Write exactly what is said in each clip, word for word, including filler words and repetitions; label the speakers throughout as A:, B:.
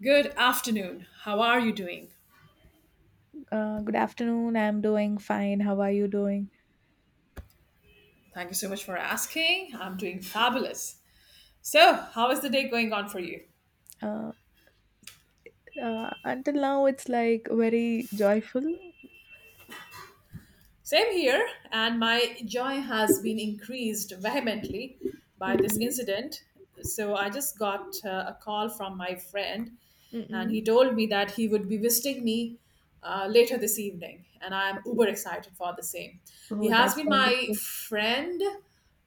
A: Good afternoon. How are you doing?
B: Uh, good afternoon. I'm doing fine. How are you doing?
A: Thank you so much for asking. I'm doing fabulous. So, how is the day going on for you?
B: Uh, uh, until now, it's like very joyful.
A: Same here, and my joy has been increased vehemently by this
B: Mm-mm,
A: incident. So, I just got uh, a call from my friend, and
B: mm-mm.
A: he told me that he would be visiting me uh, later this evening, and I'm uber excited for the same. He
B: Oh,
A: has
B: that's
A: been my
B: wonderful.
A: friend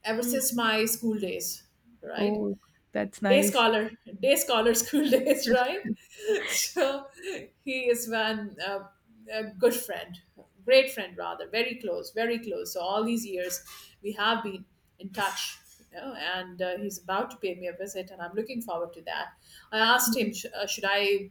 A: ever since
B: Mm-mm.
A: my school days, right?
B: Oh, that's
A: Day
B: nice.
A: scholar, day scholar school days, right? So he is one uh, a good friend, great friend rather, very close very close So all these years we have been in touch, you know, and uh, he's about to pay me a visit, and I'm looking forward to that. I asked him,
B: Mm-mm,
A: sh- uh, should I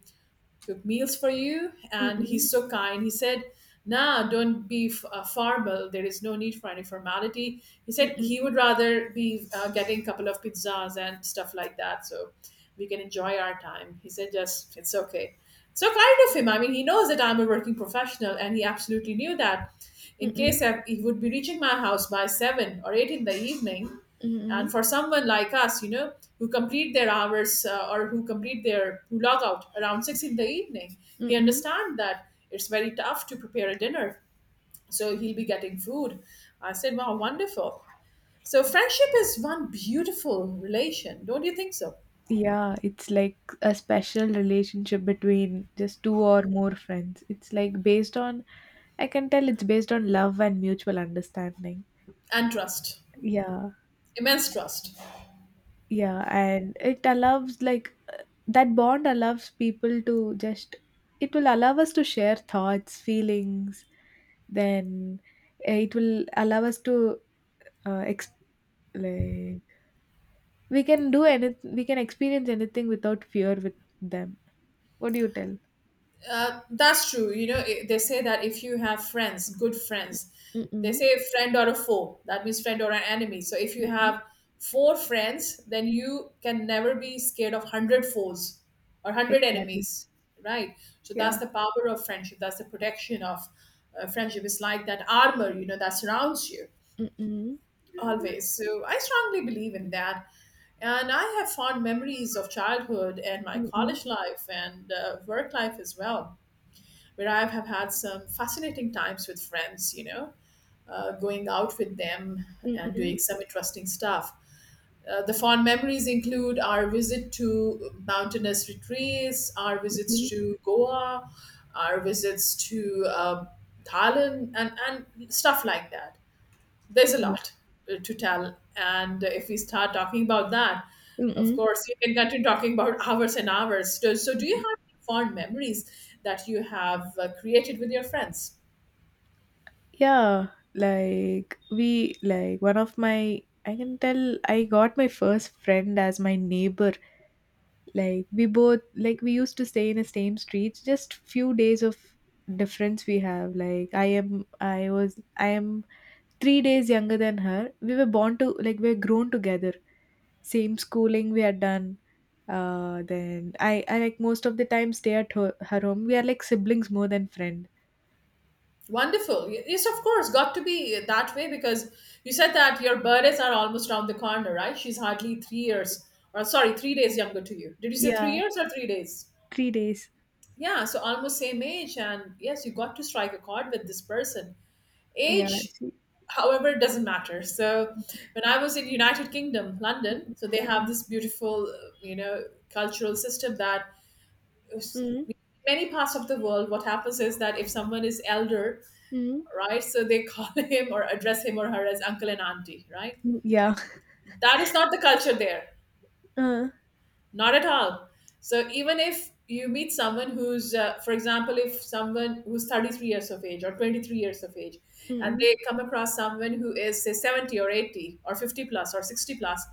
A: cook meals for you? And
B: mm-mm,
A: he's so kind. He said, Nah, don't be f- uh, formal. There is no need for any formality. He said
B: mm-mm,
A: he would rather be uh, getting a couple of pizzas and stuff like that, so we can enjoy our time. He said, Just, it's okay. So kind of him. I mean, he knows that I'm a working professional, and he absolutely knew that. In
B: mm-mm,
A: case I, he would be reaching my house by seven or eight in the evening,
B: mm-mm,
A: and for someone like us, you know, who complete their hours uh, or who complete their who log out around six in the evening, he
B: mm-mm.
A: understand that it's very tough to prepare a dinner, so he'll be getting food. I said, wow, wonderful. So friendship is one beautiful relation, don't you think so?
B: Yeah, it's like a special relationship between just two or more friends. It's like based on, I can tell, it's based on love and mutual understanding.
A: And trust,
B: Yeah,
A: immense trust.
B: yeah, and it allows, like, that bond allows people to just, it will allow us to share thoughts, feelings, then uh, it will allow us to uh, ex- like, we can do anything, we can experience anything without fear with them. What do you tell?
A: Uh, that's true. You know, i- they say that if you have friends, good friends, they
B: Mm-mm.
A: say friend or a foe. That means friend or an enemy. So if you
B: Mm-mm.
A: have four friends, then you can never be scared of hundred foes or hundred
B: Exactly.
A: enemies, right? So that's
B: Yeah.
A: the power of friendship. That's the protection of uh, friendship. It's like that armor, you know, that surrounds you
B: Mm-mm.
A: always. So I strongly believe in that. And I have fond memories of childhood and my
B: Mm-mm.
A: college life and uh, work life as well, where I have had some fascinating times with friends, you know, uh, going out with them and
B: Mm-mm.
A: doing some interesting stuff. Uh, the fond memories include our visit to mountainous retreats, our visits
B: Mm-mm.
A: to Goa, our visits to uh, Thailand, and, and stuff like that. There's a
B: Yeah.
A: lot uh, to tell, and if we start talking about that, of
B: Mm-mm.
A: course you can continue talking about hours and hours. So, so do you have any fond memories that you have uh, created with your friends?
B: Yeah, like we like one of my, I can tell, I got my first friend as my neighbor. Like, we both, like, we used to stay in the same streets, just few days of difference we have. Like, i am i was i am three days younger than her. We were born to, like, we were grown together, same schooling we had done. Uh then i i like most of the time stay at her, her home. We are like siblings more than friend.
A: Wonderful. Yes, of course, got to be that way because you said that your birthdays are almost around the corner, right? She's hardly three years, or sorry, three days younger to you. Did you say three
B: Yeah.
A: years or three days?
B: three days.
A: Yeah, so almost same age, and yes, you got to strike a chord with this person.
B: Yeah,
A: Age,
B: she,
A: however, it doesn't matter. So when I was in United Kingdom, London, so they have
B: Mm,
A: this beautiful, uh, you know, cultural system that is-
B: mm,
A: many parts of the world, what happens is that if someone is elder,
B: mm,
A: right, so they call him, or address him or her, as uncle and auntie, right?
B: mm. Yeah.
A: That is not the culture there.
B: uh,
A: Not at all. So even if you meet someone who's, uh, for example, if someone who's thirty-three years of age or twenty-three years of age,
B: mm,
A: and
B: mm,
A: they come across someone who is, say, seventy or eighty or fifty plus or sixty plus,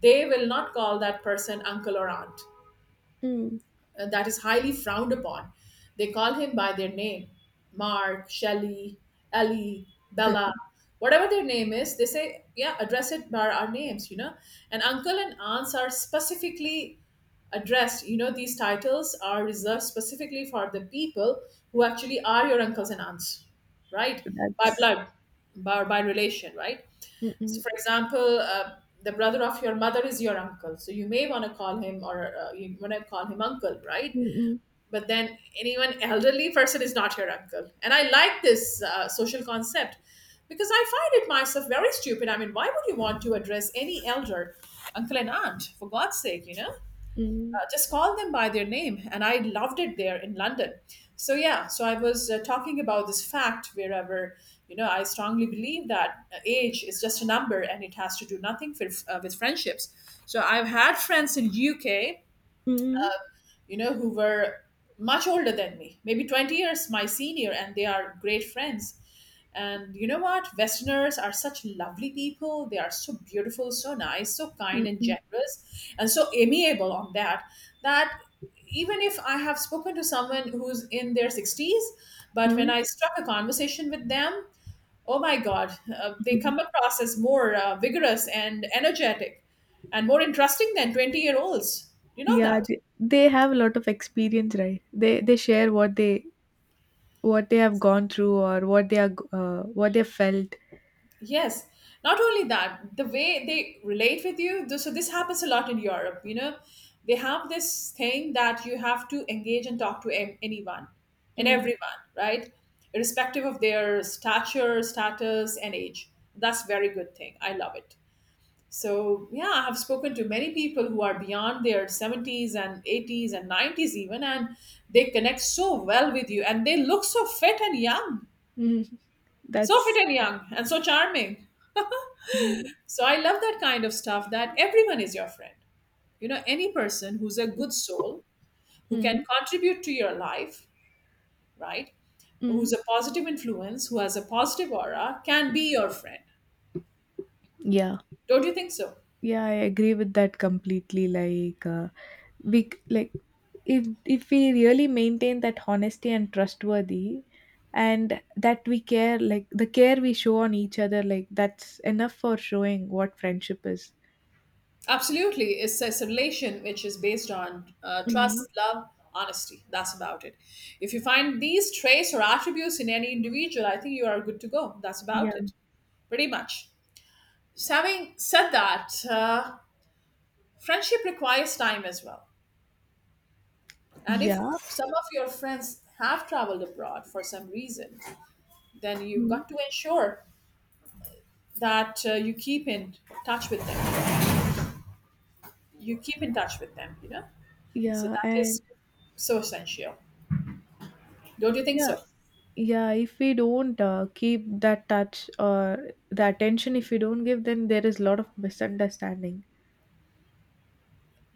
A: they will not call that person uncle or aunt
B: mm.
A: uh, That is highly frowned upon. They call him by their name. Mark, Shelley, Ellie, Bella, whatever their name is. They say, yeah, address it by our names, you know. And uncle and aunts are specifically addressed. You know, these titles are reserved specifically for the people who actually are your uncles and aunts, right? By
B: That's
A: blood, by, by relation, right?
B: mm,
A: So
B: mm,
A: for example, uh, the brother of your mother is your uncle, so you may want to call him, or uh, you want to call him uncle, right?
B: mm, mm.
A: But then anyone elderly person is not your uncle, and I like this uh, social concept because I find it myself very stupid. I mean, why would you want to address any elder, uncle and aunt, for God's sake, you know?
B: Mm,
A: Uh, just call them by their name. And I loved it there in London. So, yeah, so I was uh, talking about this fact wherever, you know, I strongly believe that uh, age is just a number and it has to do nothing for, uh, with friendships. So, I've had friends in U K,
B: mm,
A: you know, who were much older than me, maybe twenty years my senior, and they are great friends. And you know what? Westerners are such lovely people. They are so beautiful, so nice, so kind
B: mm,
A: and
B: mm,
A: generous, and so amiable on that. That even if I have spoken to someone who's in their sixties, but when
B: mm.
A: I struck a conversation with them, oh my God, uh, they
B: Mhm.
A: come across as more uh, vigorous and energetic and more interesting than twenty year olds. You know
B: Yeah,
A: that?
B: they, they have a lot of experience, right? They they share what they what they have gone through, or what they are g- uh, what they felt.
A: Yes, not only that, the way they relate with you, th- so this happens a lot in Europe, you know, they have this thing that you have to engage and talk to a- anyone and
B: Mm,
A: everyone, right? Irrespective of their stature, status, and age. That's very good thing. I love it. So, yeah, I have spoken to many people who are beyond their seventies and eighties and nineties even, and they connect so well with you and they look so fit and young,
B: mm.
A: so fit
B: That's
A: and young, and so charming.
B: mm,
A: So I love that kind of stuff that everyone is your friend. You know, any person who's a good soul, who can
B: mm,
A: contribute to your life, right?
B: mm.
A: Who's a positive influence, who has a positive aura, can be your friend.
B: Yeah,
A: Don't you think so?
B: yeah. I agree with that completely. Like uh, we c- like, if if we really maintain that honesty and trustworthy, and that we care, like the care we show on each other, like that's enough for showing what friendship is.
A: Absolutely. It's a relation which is based on uh, trust,
B: Mhm.
A: love, honesty. That's about it. If you find these traits or attributes in any individual, I think you are good to go. That's
B: Yeah.
A: about it. Pretty much. So having said that, uh, friendship requires time as well. And if
B: Yeah.
A: some of your friends have traveled abroad for some reason, then you've
B: Mhm.
A: got to ensure that uh, you keep in touch with them. You keep in touch with them, you know? So
B: Yeah,
A: that
B: and
A: is so essential. Don't you think
B: yeah,
A: so?
B: yeah, if we don't uh, keep that touch or the attention, if we don't give, then there is a lot of misunderstanding.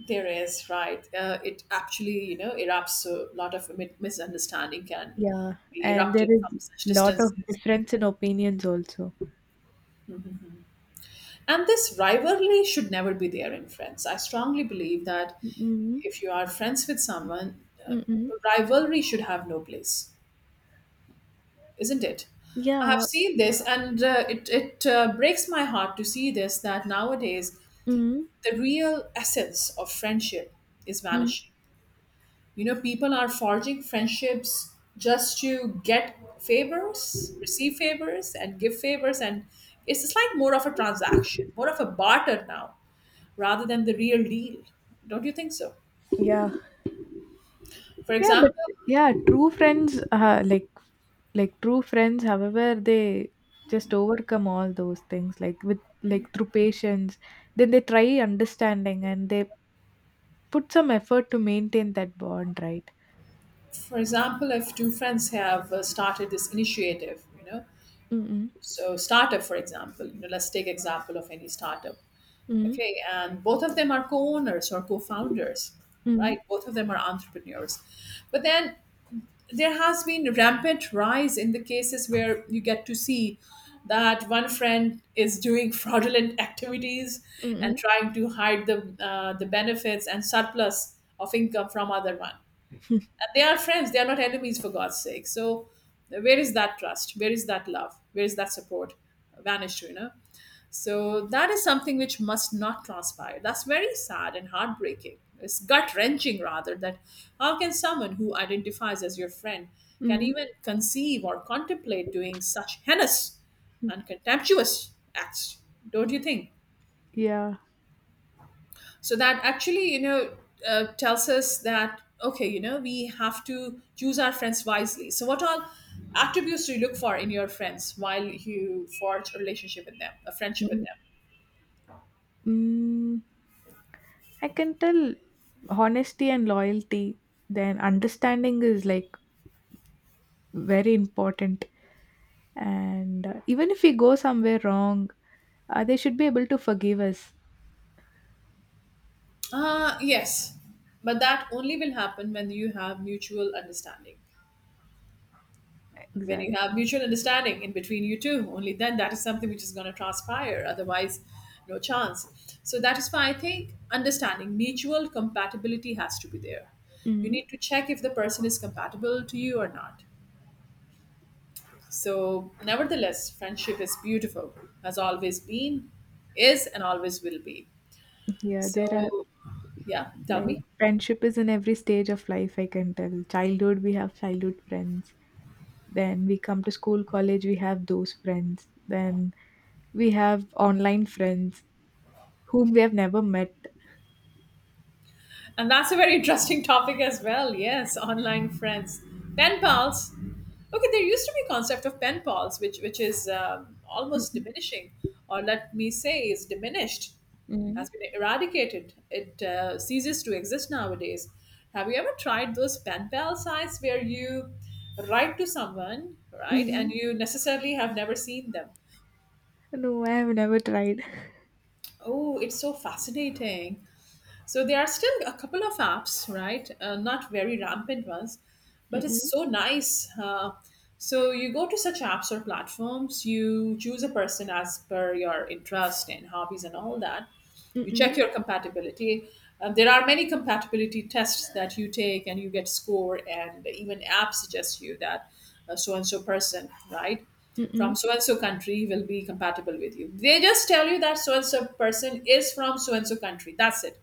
A: There is, right. Uh, it actually, you know, erupts a lot of mi- misunderstanding, can
B: Yeah,
A: be
B: and there
A: erupted from
B: is
A: such
B: lot of
A: distances.
B: difference in opinions also.
A: And this rivalry should never be there in friends. I strongly believe that
B: Mm-mm.
A: if you are friends with someone, uh,
B: Mm-mm.
A: rivalry should have no place, isn't it? I have
B: Yeah.
A: seen this, and uh, it it uh, breaks my heart to see this that nowadays
B: Mm-mm.
A: the real essence of friendship is
B: Mm.
A: vanishing. You know, people are forging friendships just to get favors, receive favors, and give favors, and it's just like more of a transaction, more of a barter now, rather than the real deal. Don't you think so?
B: Yeah.
A: For
B: Yeah, but
A: example,
B: yeah, true friends, uh, like like true friends, however, they just overcome all those things, like, with, like, through patience. Then they try understanding, and they put some effort to maintain that bond, right?
A: for example, if two friends have uh, started this initiative, you know,
B: Mm-mm,
A: so startup, for example, you know, let's take example of any startup,
B: mm-mm,
A: okay, and both of them are co-owners or co-founders,
B: mm-mm,
A: right? Both of them are entrepreneurs, but then there has been rampant rise in the cases where you get to see that one friend is doing fraudulent activities and
B: mm-mm,
A: trying to hide the uh, the benefits and surplus of income from other one. They are friends, they are not enemies, for God's sake. So, where is that trust? Where is that love? Where is that support? Vanished, you know? So, that is something which must not transpire. That's very sad and heartbreaking. It's gut wrenching, rather, that how can someone who identifies as your friend can
B: mm-mm,
A: even conceive or contemplate doing such heinous and contemptuous acts? Don't you think?
B: Yeah.
A: So that actually, you know, uh, tells us that okay, you know, we have to choose our friends wisely. So what all attributes do you look for in your friends while you forge a relationship with them, a friendship with
B: Mm-mm.
A: them?
B: Mm, I can tell, honesty and loyalty. Then understanding is like very important. And uh, even if we go somewhere wrong, uh, they should be able to forgive us.
A: Uh, yes, but that only will happen when you have mutual understanding. when you
B: Exactly.
A: have mutual understanding in between you two, only then that is something which is going to transpire, otherwise no chance. So that is why I think understanding, mutual compatibility has to be there. You
B: Mm.
A: need to check if the person is compatible to you or not. So nevertheless, friendship is beautiful, has always been, is, and always will be.
B: Yeah, there are,
A: So, yeah, tell
B: like,
A: me.
B: friendship is in every stage of life, I can tell. Childhood, we have childhood friends, then we come to school, college, we have those friends, then we have online friends, whom we have never met.
A: And that's a very interesting topic as well. Yes, online friends, pen pals. Okay, there used to be concept of pen pals, which which is um, almost
B: Mm-mm.
A: diminishing, or let me say, is diminished,
B: Mm-mm.
A: has been eradicated. It uh, ceases to exist nowadays. Have you ever tried those pen pal sites where you write to someone, right, and
B: Mm-mm.
A: you necessarily have never seen them?
B: No, I have never tried.
A: Oh, it's so fascinating. So there are still a couple of apps, right? Uh, not very rampant ones, but it's
B: Mm-mm.
A: so nice. Uh, so you go to such apps or platforms, you choose a person as per your interest and hobbies and all that. You check
B: Mm-mm.
A: your compatibility. Um, there are many compatibility tests that you take, and you get score, and even apps suggest you that so and so person, right? From
B: Mm-mm.
A: so and so country will be compatible with you. They just tell you that so and so person is from so and so country. That's it.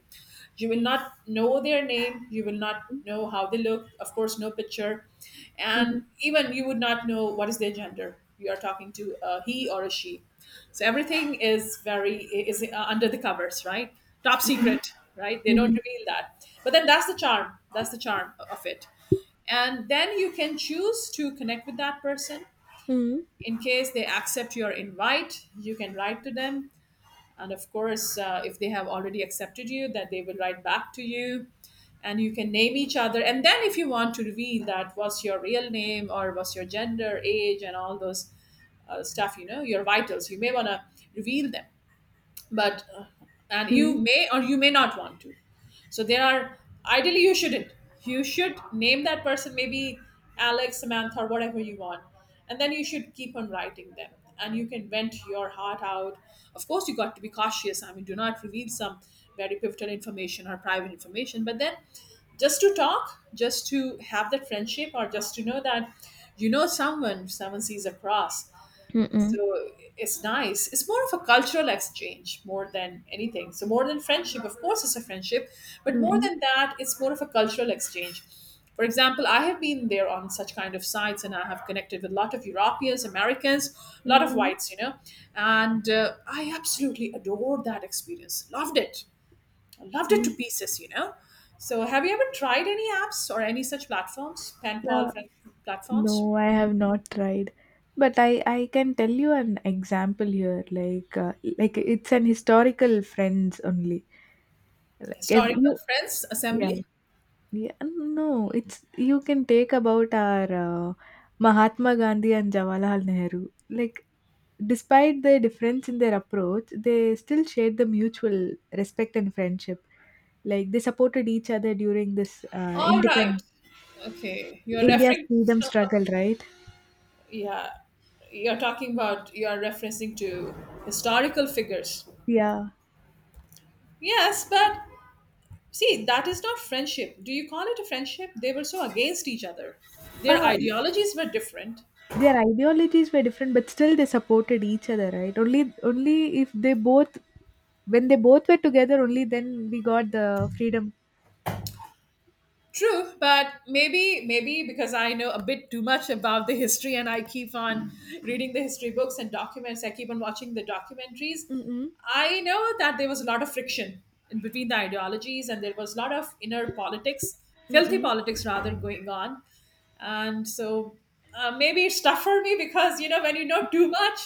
A: You will not know their name, you will not know how they look, of course no picture,
B: Mm-mm.
A: and even you would not know what is their gender, you are talking to a he or a she. So everything is very is uh, under the covers, right? Top
B: Mm-mm.
A: secret, right? They don't
B: Mm-mm.
A: reveal that, but then that's the charm, that's the charm of it. And then you can choose to connect with that person.
B: Mm-mm.
A: In case they accept your invite, you can write to them, and of course uh, if they have already accepted you, then they will write back to you. And you can name each other, and then if you want to reveal that what's your real name or what's your gender, age and all those uh, stuff, you know, your vitals, you may want to reveal them. But uh, and you may or you may not want to. So there are, ideally you shouldn't, you should name that person maybe Alex, Samantha or whatever you want, and then you should keep on writing them, and you can vent your heart out. Of course you got to be cautious, I mean do not reveal some very pivotal information or private information, but then just to talk, just to have that friendship, or just to know that, you know, someone, someone sees across.
B: Mm-mm.
A: So it's nice. It's more of a cultural exchange more than anything. So more than friendship, of course, it's a friendship, but more
B: Mm,
A: than that, it's more of a cultural exchange. For example, I have been there on such kind of sites, and I have connected with a lot of Europeans, Americans, a lot of
B: mm,
A: whites, you know, and uh, I absolutely adored that experience. Loved it. I loved it
B: mm.
A: to pieces, you know. So, have you ever tried any apps or any such platforms,
B: Uh,
A: penpal friend platforms,
B: no, I have not tried. But I, I can tell you an example here. Like uh, like, it's an historical friends only. Like, if
A: historical
B: you
A: friends
B: yeah
A: assembly?
B: yeah, no, it's, you can take about our uh, Mahatma Gandhi and Jawaharlal Nehru. Like, despite the difference in their approach, they still shared the mutual respect and friendship. Like, they supported each other during this uh,
A: All right.
B: independence.
A: Okay, you're
B: India's
A: referring.
B: freedom struggle, right?
A: Yeah, you're talking about. You're referencing to historical figures.
B: Yeah.
A: Yes, but see, that is not friendship. Do you call it a friendship? They were so against each other. Their
B: Ah,
A: ideologies were different.
B: their ideologies were different, but still they supported each other, right? Only, only if they both, when they both were together, only then we got the freedom.
A: True, but maybe maybe because I know a bit too much about the history and I keep on reading the history books and documents, I keep on watching the documentaries.
B: Mm-mm.
A: I know that there was a lot of friction in between the ideologies and there was a lot of inner politics, filthy
B: Mm-mm.
A: politics rather going on. And so uh, maybe it's tough for me because you know when you know too much,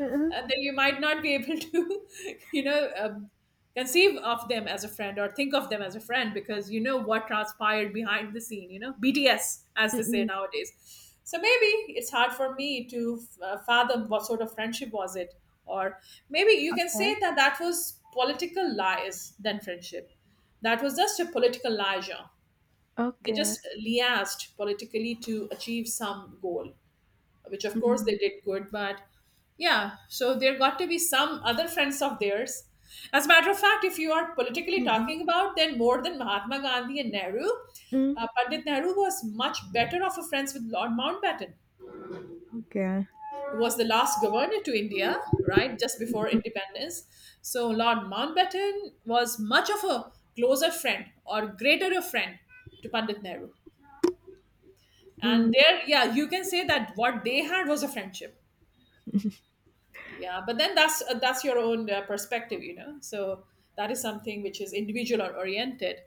B: Mm-mm.
A: uh, then you might not be able to, you know, um, conceive of them as a friend or think of them as a friend because you know what transpired behind the scene, you know, B T S, as they say
B: Mm-mm.
A: nowadays. So maybe it's hard for me to uh, fathom what sort of friendship was it. Or maybe you can
B: Okay.
A: say that that was political lies than friendship. That was just a political liaison. They
B: Okay.
A: just liaised politically to achieve some goal, which of course they
B: Mm.
A: did good, but yeah, so there got to be some other friends of theirs. As a matter of fact, if you are politically
B: Mm-mm.
A: talking about, then more than Mahatma Gandhi and Nehru,
B: Mm.
A: uh, Pandit Nehru was much better of a friends with Lord Mountbatten,
B: Okay.
A: who was the last governor to India, right, just before
B: Mm-mm.
A: independence. So Lord Mountbatten was much of a closer friend or greater a friend to Pandit Nehru, and
B: Mm.
A: there, yeah, you can say that what they had was a friendship. Yeah, but then that's uh, that's your own uh, perspective, you know. So that is something which is individual or oriented,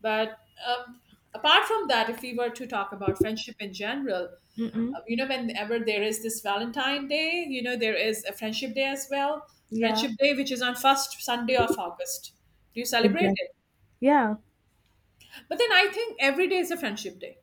A: but um, apart from that, if we were to talk about friendship in general,
B: Mm-mm.
A: uh, you know, whenever there is this Valentine Day, you know, there is a friendship day as well.
B: Yeah.
A: Friendship day, which is on first Sunday of August. Do you celebrate
B: Exactly.
A: it?
B: Yeah.
A: But then I think every day is a friendship day.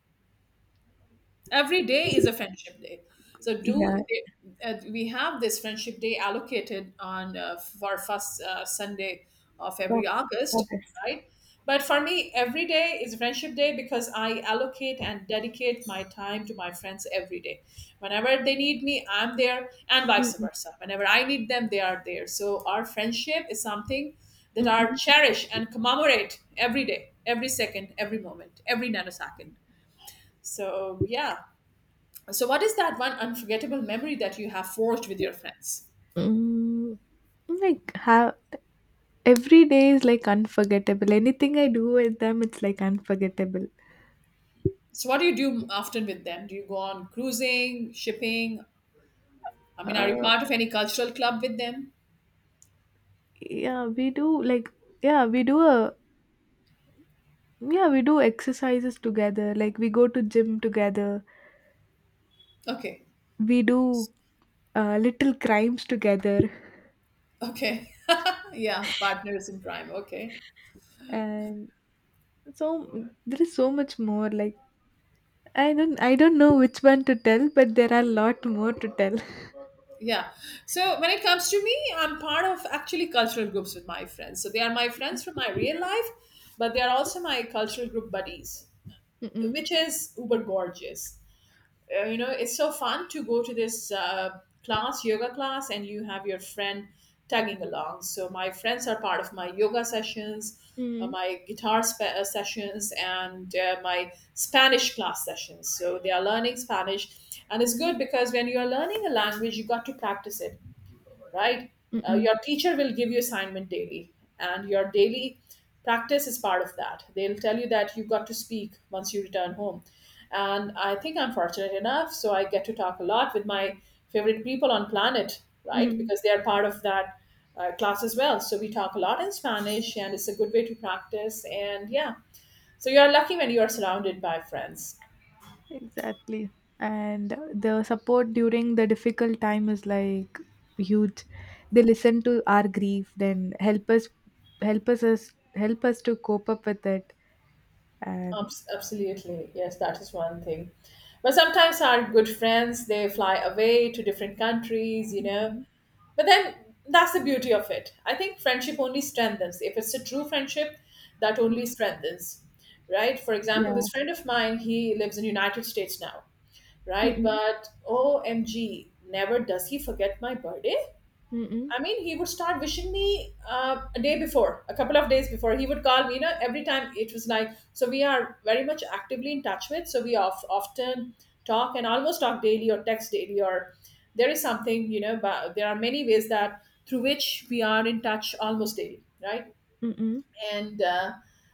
A: Every day is a friendship day. So
B: Yeah.
A: do they, uh, we have this friendship day allocated on uh, for first uh, Sunday of
B: Of,
A: every
B: of
A: August,
B: this.
A: right? But for me every day is friendship day, because I allocate and dedicate my time to my friends every day. Whenever they need me, I'm there, and vice
B: Mm-mm.
A: versa, whenever I need them, they are there. So our friendship is something that are
B: Mm-mm.
A: cherished and commemorate every day, every second, every moment, every nanosecond. So yeah. So, what is that one unforgettable memory that you have forged with your friends?
B: Mm. Like how? Every day is, like, unforgettable. Anything I do with them, it's, like, unforgettable.
A: So, what do you do often with them? Do you go on cruising, shipping? I mean, are you
B: Uh,
A: part of any cultural club with them?
B: yeah, we do, like yeah, we do a yeah, we do exercises together, like, we go to gym together.
A: Okay,
B: We do, uh, little crimes together.
A: okay, yeah, partners in crime. Okay,
B: And so there is so much more, like, I don't I don't know which one to tell, but there are a lot more to tell.
A: yeah. So, when it comes to me, I'm part of actually cultural groups with my friends. So, they are my friends from my real life, but they are also my cultural group buddies,
B: Mm.
A: which is uber gorgeous. Uh, you know, it's so fun to go to this uh, class, yoga class, and you have your friend tagging along. So my friends are part of my yoga sessions, uh,
B: Mm.
A: my guitar spe- uh, sessions, and uh, my Spanish class sessions. So they are learning Spanish, and it's
B: Mm.
A: good because when you are learning a language, you got to practice it, right? Uh,
B: Mm.
A: your teacher will give you assignment daily, and your daily practice is part of that. They'll tell you that you've got to speak once you return home. And I think I'm fortunate enough, so I get to talk a lot with my favorite people on planet,
B: Mm.
A: right?
B: Mm.
A: Because they are part of that uh, class as well. So we talk a lot in Spanish, and it's a good way to practice. And yeah, so you're lucky when you are surrounded by friends.
B: Exactly. And the support during the difficult time is like huge. They listen to our grief, then help us help us, us help us to cope up with it. And
A: Abs- Absolutely. Yes, that is one thing. But sometimes our good friends, they fly away to different countries, you know.
B: Mm-mm.
A: But then that's the beauty of it. I think friendship only strengthens. If it's a true friendship, that only strengthens, right? For example,
B: Yeah.
A: this friend of mine, he lives in United States now, right?
B: Mm-mm.
A: But O M G, never does he forget my birthday.
B: Mm-mm.
A: I mean, he would start wishing me uh, a day before, a couple of days before. He would call me, you know, every time it was like, so we are very much actively in touch with. So we of, often talk and almost talk daily or text daily, or there is something, you know, but there are many ways that through which we are in touch almost daily, right?
B: Mm-mm.
A: And uh,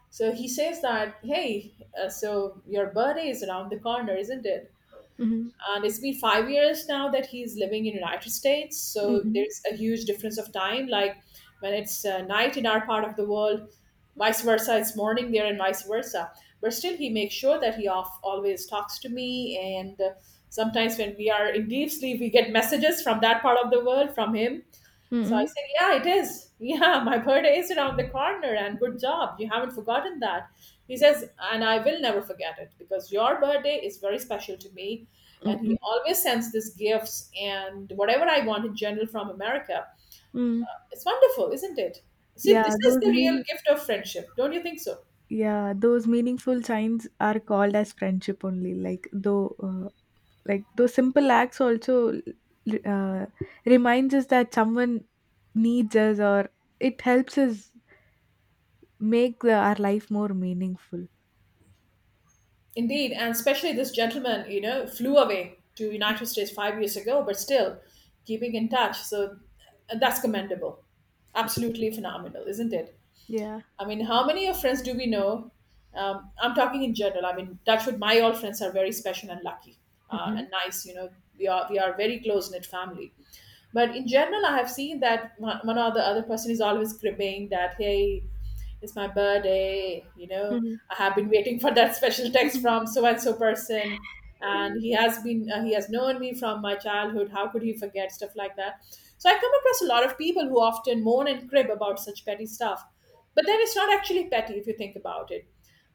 A: so he says that, hey, uh, so your birthday is around the corner, isn't it?
B: Mm-mm.
A: And it's been five years now that he's living in United States, so
B: Mm-mm.
A: there's a huge difference of time. Like when it's uh, night in our part of the world, vice versa it's morning there, and vice versa. But still he makes sure that he off, always talks to me, and uh, sometimes when we are in deep sleep we get messages from that part of the world from him. So I
B: Mm-mm.
A: said, yeah, it is. Yeah, my birthday is around the corner, and good job. You haven't forgotten that. He says, and I will never forget it because your birthday is very special to me. And he
B: Mm-mm.
A: always sends these gifts and whatever I want in general from America.
B: Mm.
A: It's wonderful, isn't it? See,
B: Yeah,
A: this is
B: those
A: the real
B: mean
A: gift of friendship. Don't you think so?
B: yeah, those meaningful signs are called as friendship only. Like, though uh, like, those simple acts also uh, reminds us that someone needs us, or it helps us make the, our life more meaningful.
A: Indeed, and especially this gentleman, you know, flew away to United States five years ago, but still keeping in touch. So uh, that's commendable. Absolutely phenomenal, isn't it?
B: Yeah.
A: I mean, how many of friends do we know? Um, I'm talking in general. I mean, touch with my all friends are very special and lucky uh,
B: Mm-mm.
A: and nice. You know, we are we are very close knit family. But in general, I have seen that one one or the other person is always cribbing that, hey, it's my birthday, you know,
B: Mhm.
A: I have been waiting for that special text
B: Mhm.
A: from so and so person. And he has been, uh, he has known me from my childhood. How could he forget stuff like that? So I come across a lot of people who often moan and crib about such petty stuff. But then it's not actually petty if you think about it.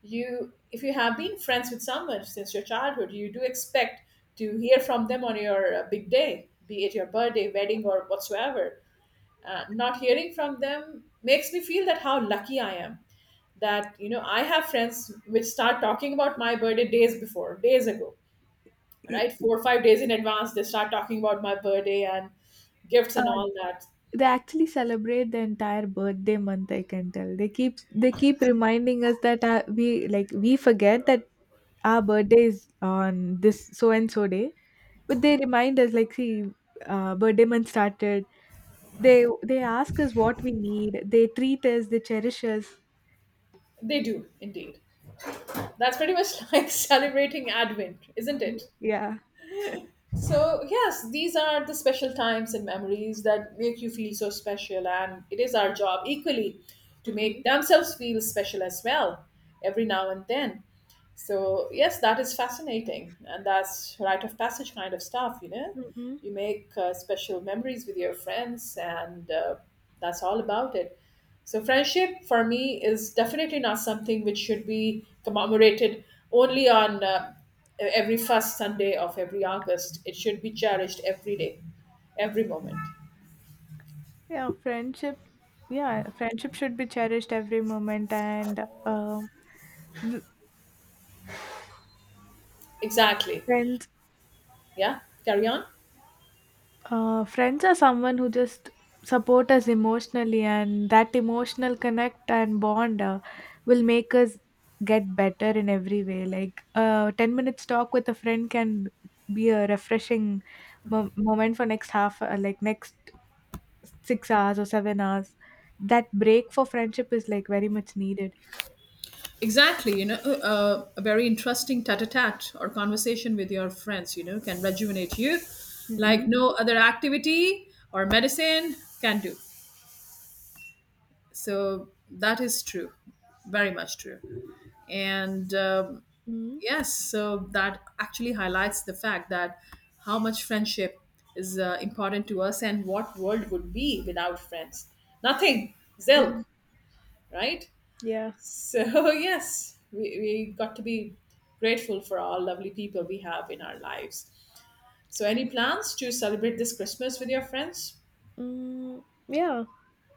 A: You If you have been friends with someone since your childhood, you do expect to hear from them on your uh, big day, be it your birthday, wedding, or whatsoever. Uh, not hearing from them makes me feel that how lucky I am, that you know I have friends which start talking about my birthday days before, days ago,
B: I-
A: right, four or five days in advance they start talking about my birthday and gifts and
B: uh,
A: all that.
B: they actually celebrate the entire birthday month, I can tell. They keep they keep reminding us that, uh, we, like, we forget that our birthday is on this so and so day, but they remind us, like, see, uh, birthday month started. They they ask us what we need. They treat us, they cherish us.
A: They do indeed. That's pretty much like celebrating advent, isn't it?
B: Yeah.
A: So, yes, these are the special times and memories that make you feel so special, and it is our job equally to make
B: Mm-mm.
A: themselves feel special as well every now and then. So yes, that is fascinating, and that's rite of passage kind of stuff. You know,
B: Mm-mm.
A: you make uh, special memories with your friends, and uh, that's all about it. So friendship for me is definitely not something which should be commemorated only on uh, every first Sunday of every August. It should be cherished every day, every moment.
B: Yeah, friendship. Yeah, friendship should be cherished every moment, and uh,
A: Exactly.
B: friends.
A: Yeah. Carry on.
B: Uh, friends are someone who just support us emotionally, and that emotional connect and bond uh, will make us get better in every way. Like, uh, ten minutes talk with a friend can be a refreshing mo- moment for next half, uh, like next six hours or seven hours. That break for friendship is like very much needed.
A: Exactly, you know, uh, a very interesting tete-a-tete or conversation with your friends, you know, can rejuvenate you like
B: Mm-mm.
A: no other activity or medicine can do. So that is true, very much true. And um,
B: Mm-hmm.
A: yes, so that actually highlights the fact that how much friendship is uh, important to us and what world would be without friends. Nothing, zilch, right?
B: Yeah.
A: So, yes, we, we got to be grateful for all lovely people we have in our lives. So, any plans to celebrate this Christmas with your friends?
B: Mm, yeah.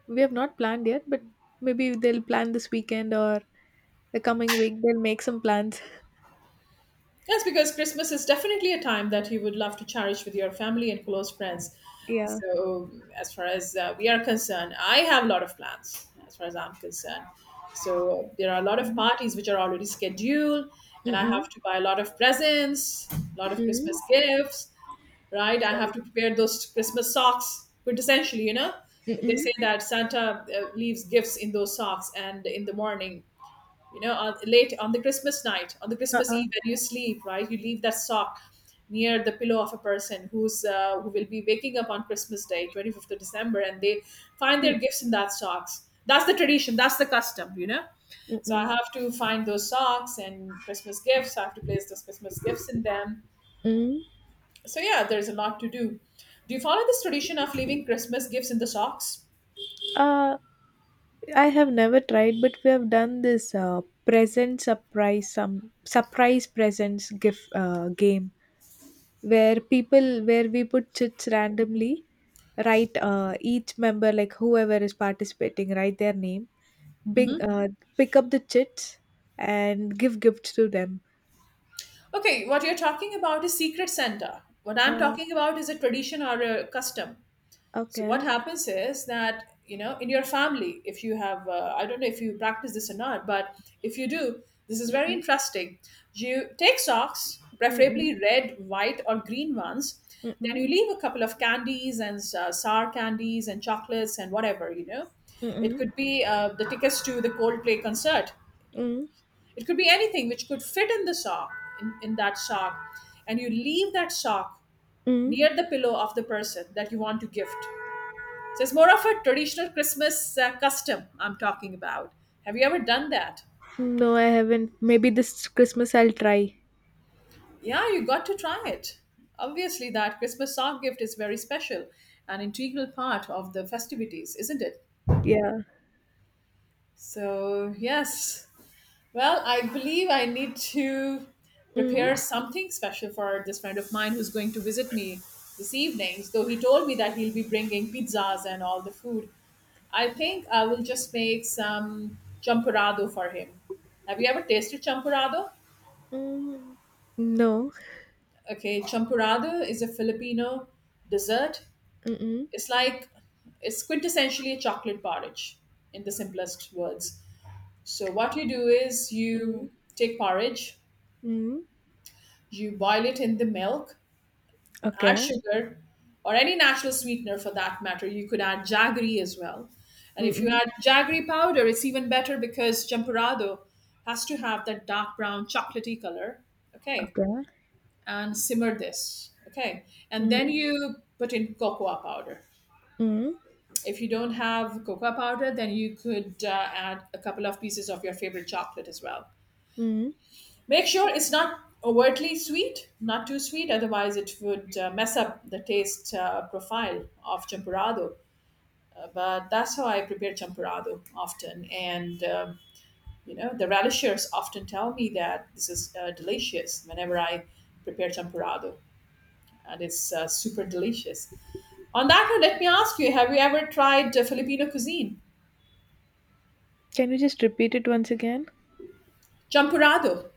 B: We have not planned yet, but maybe they'll plan this weekend or the coming week. They'll make some plans.
A: Yes, because Christmas is definitely a time that you would love to cherish with your family and close friends.
B: Yeah.
A: So, as far as uh, we are concerned, I have a lot of plans as far as I'm concerned. So, there are a lot of
B: Mm-mm.
A: parties which are already scheduled, and I
B: Mm-mm.
A: have to buy a lot of presents, a lot of
B: Mm-mm.
A: Christmas gifts. Right? I have to prepare those Christmas socks quintessentially, you know. They
B: Mm-mm.
A: say that Santa uh, leaves gifts in those socks and in the morning, you know, on, late on the Christmas night, on the Christmas
B: Uh-uh.
A: Eve when you sleep, right? You leave that sock near the pillow of a person who's uh, who will be waking up on Christmas Day, twenty-fifth of December, and they find
B: Mm,
A: their gifts in that socks. That's the tradition. That's the custom, you know. So I
B: Mm-mm.
A: have to find those socks and Christmas gifts. I have to place those Christmas gifts in them,
B: Mm.
A: so yeah, there's a lot to do. Do you follow this tradition of leaving Christmas gifts in the socks?
B: Uh, I have never tried, but we have done this uh, present surprise, some surprise presents, gift uh, game, where people, where we put chits randomly, write, uh, each member, like whoever is participating, write their name, bing, uh, pick up the chits and give gifts to them.
A: Okay, what you're talking about is Secret Santa. What I'm
B: uh,
A: talking about is a tradition or a custom. So what
B: okay.
A: happens is that you know, in your family, if you have, uh, I don't know if you practice this or not, but if you do, this is very
B: Mm-mm,
A: interesting. You take socks,
B: mm-mm,
A: preferably red, white, or green ones.
B: mm-mm,
A: Then you leave a couple of candies and uh, sour candies and chocolates and whatever you know. It
B: mm-mm,
A: could be uh, the tickets to the Coldplay concert.
B: mm,
A: It could be anything which could fit in the sock, in, in that sock, and you leave that sock
B: mm.
A: near the pillow of the person that you want to gift, so it's more of a traditional Christmas uh, custom I'm talking about. Have you ever done that?
B: No, I haven't. Maybe this Christmas I'll try.
A: Yeah, you got to try it. Obviously, that Christmas sock gift is very special, an integral part of the festivities, isn't it?
B: Yeah.
A: So, yes, well, I believe I need to
B: Mm,
A: prepare something special for this friend of mine who's going to visit me this evening. Though he told me that he'll be bringing pizzas and all the food. I think I will just make some champurrado for him. Have you ever tasted champurrado?
B: mm. No.
A: Okay, champurrado is a Filipino dessert.
B: Mm-mm,
A: It's like, it's quintessentially a chocolate porridge in the simplest words. So what you do is,
B: mm,
A: you take porridge.
B: mm.
A: You boil it in the milk, add
B: Okay.
A: sugar, or any natural sweetener for that matter. You could add jaggery as well. And if you
B: Mm-mm.
A: add jaggery powder, it's even better because champurrado has to have that dark brown chocolatey color. Okay.
B: Okay.
A: And simmer this. Okay. And then
B: Mm,
A: you put in cocoa powder.
B: mm,
A: If you don't have cocoa powder, then you could uh, add a couple of pieces of your favorite chocolate as well.
B: mm.
A: Make sure it's not overtly sweet, not too sweet, otherwise, it would uh, mess up the taste uh, profile of champurrado. Uh, but that's how I prepare champurrado often. And, um, you know, the relishers often tell me that this is uh, delicious whenever I prepare champurrado, and it's uh, super delicious. On that note, let me ask you, have you ever tried uh, Filipino cuisine?
B: Can you just repeat it once again?
A: Champurrado.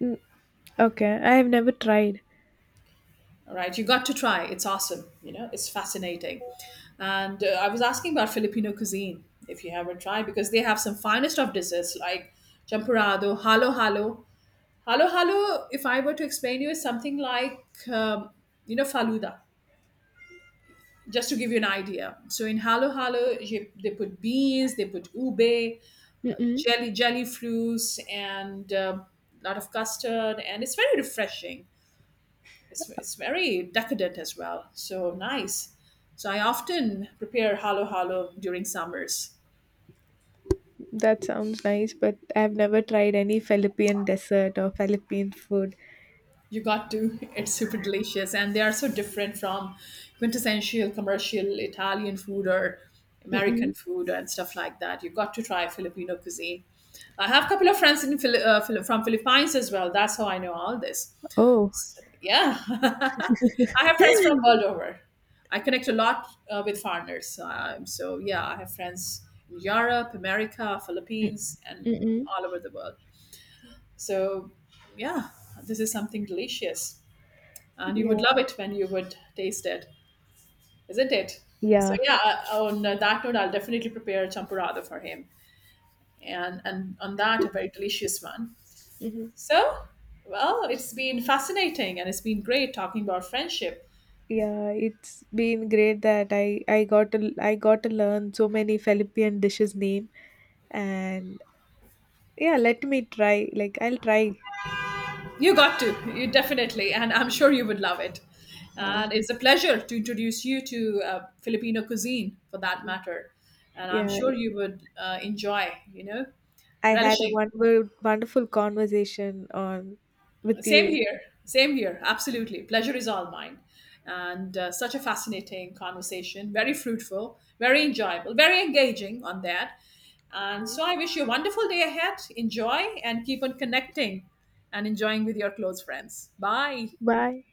B: Mm, okay, I have never tried.
A: All right, you got to try. It's awesome. You know, it's fascinating. And uh, I was asking about Filipino cuisine if you haven't tried, because they have some finest of desserts like champurrado, halo halo. Halo halo, if I were to explain you, is something like, um, you know faluda. Just to give you an idea, so in halo halo, you- they put beans, they put ube,
B: Mm-mm.
A: jelly jelly fruits, and um, a lot of custard, and it's very refreshing. it's, it's very decadent as well. So nice. So I often prepare halo halo during summers.
B: That sounds nice, but I have never tried any Philippine dessert or Philippine food.
A: You got to. It's super delicious, and they are so different from quintessential commercial Italian food or American
B: Mm-mm.
A: food and stuff like that. You got to try Filipino cuisine. I have a couple of friends in Phil- uh, Phil- from Philippines as well. That's how I know all this.
B: Oh,
A: Yeah, I have friends from world over. I connect a lot uh, with foreigners. Um, so yeah, I have friends in Europe, America,
B: Mm,
A: Philippines, and
B: Mm-mm.
A: all over the world. So yeah, this is something delicious, and you
B: Yeah,
A: would love it when you would taste it, isn't it? So
B: yeah.
A: yeah, uh, on that note, I'll definitely prepare a champurrado for him, and and on that, a very delicious one.
B: Mm-hmm.
A: So, well, it's been fascinating, and it's been great talking about friendship.
B: Yeah. It's been great that I I got to I got to learn so many Philippine dishes name. And yeah, let me try. Like, I'll try.
A: You got to, you definitely, and I'm sure you would love it.
B: Yeah.
A: And it's a pleasure to introduce you to uh, Filipino cuisine, for that matter. And I'm
B: Yeah,
A: sure you would uh, enjoy, you know,
B: I had a
A: relishing.
B: wonderful, wonderful conversation on with
A: Same
B: you.
A: here, same here, absolutely. Pleasure is all mine. And uh, such a fascinating conversation, very fruitful, very enjoyable, very engaging on that. And so I wish you a wonderful day ahead. Enjoy and keep on connecting and enjoying with your close friends. Bye.
B: Bye.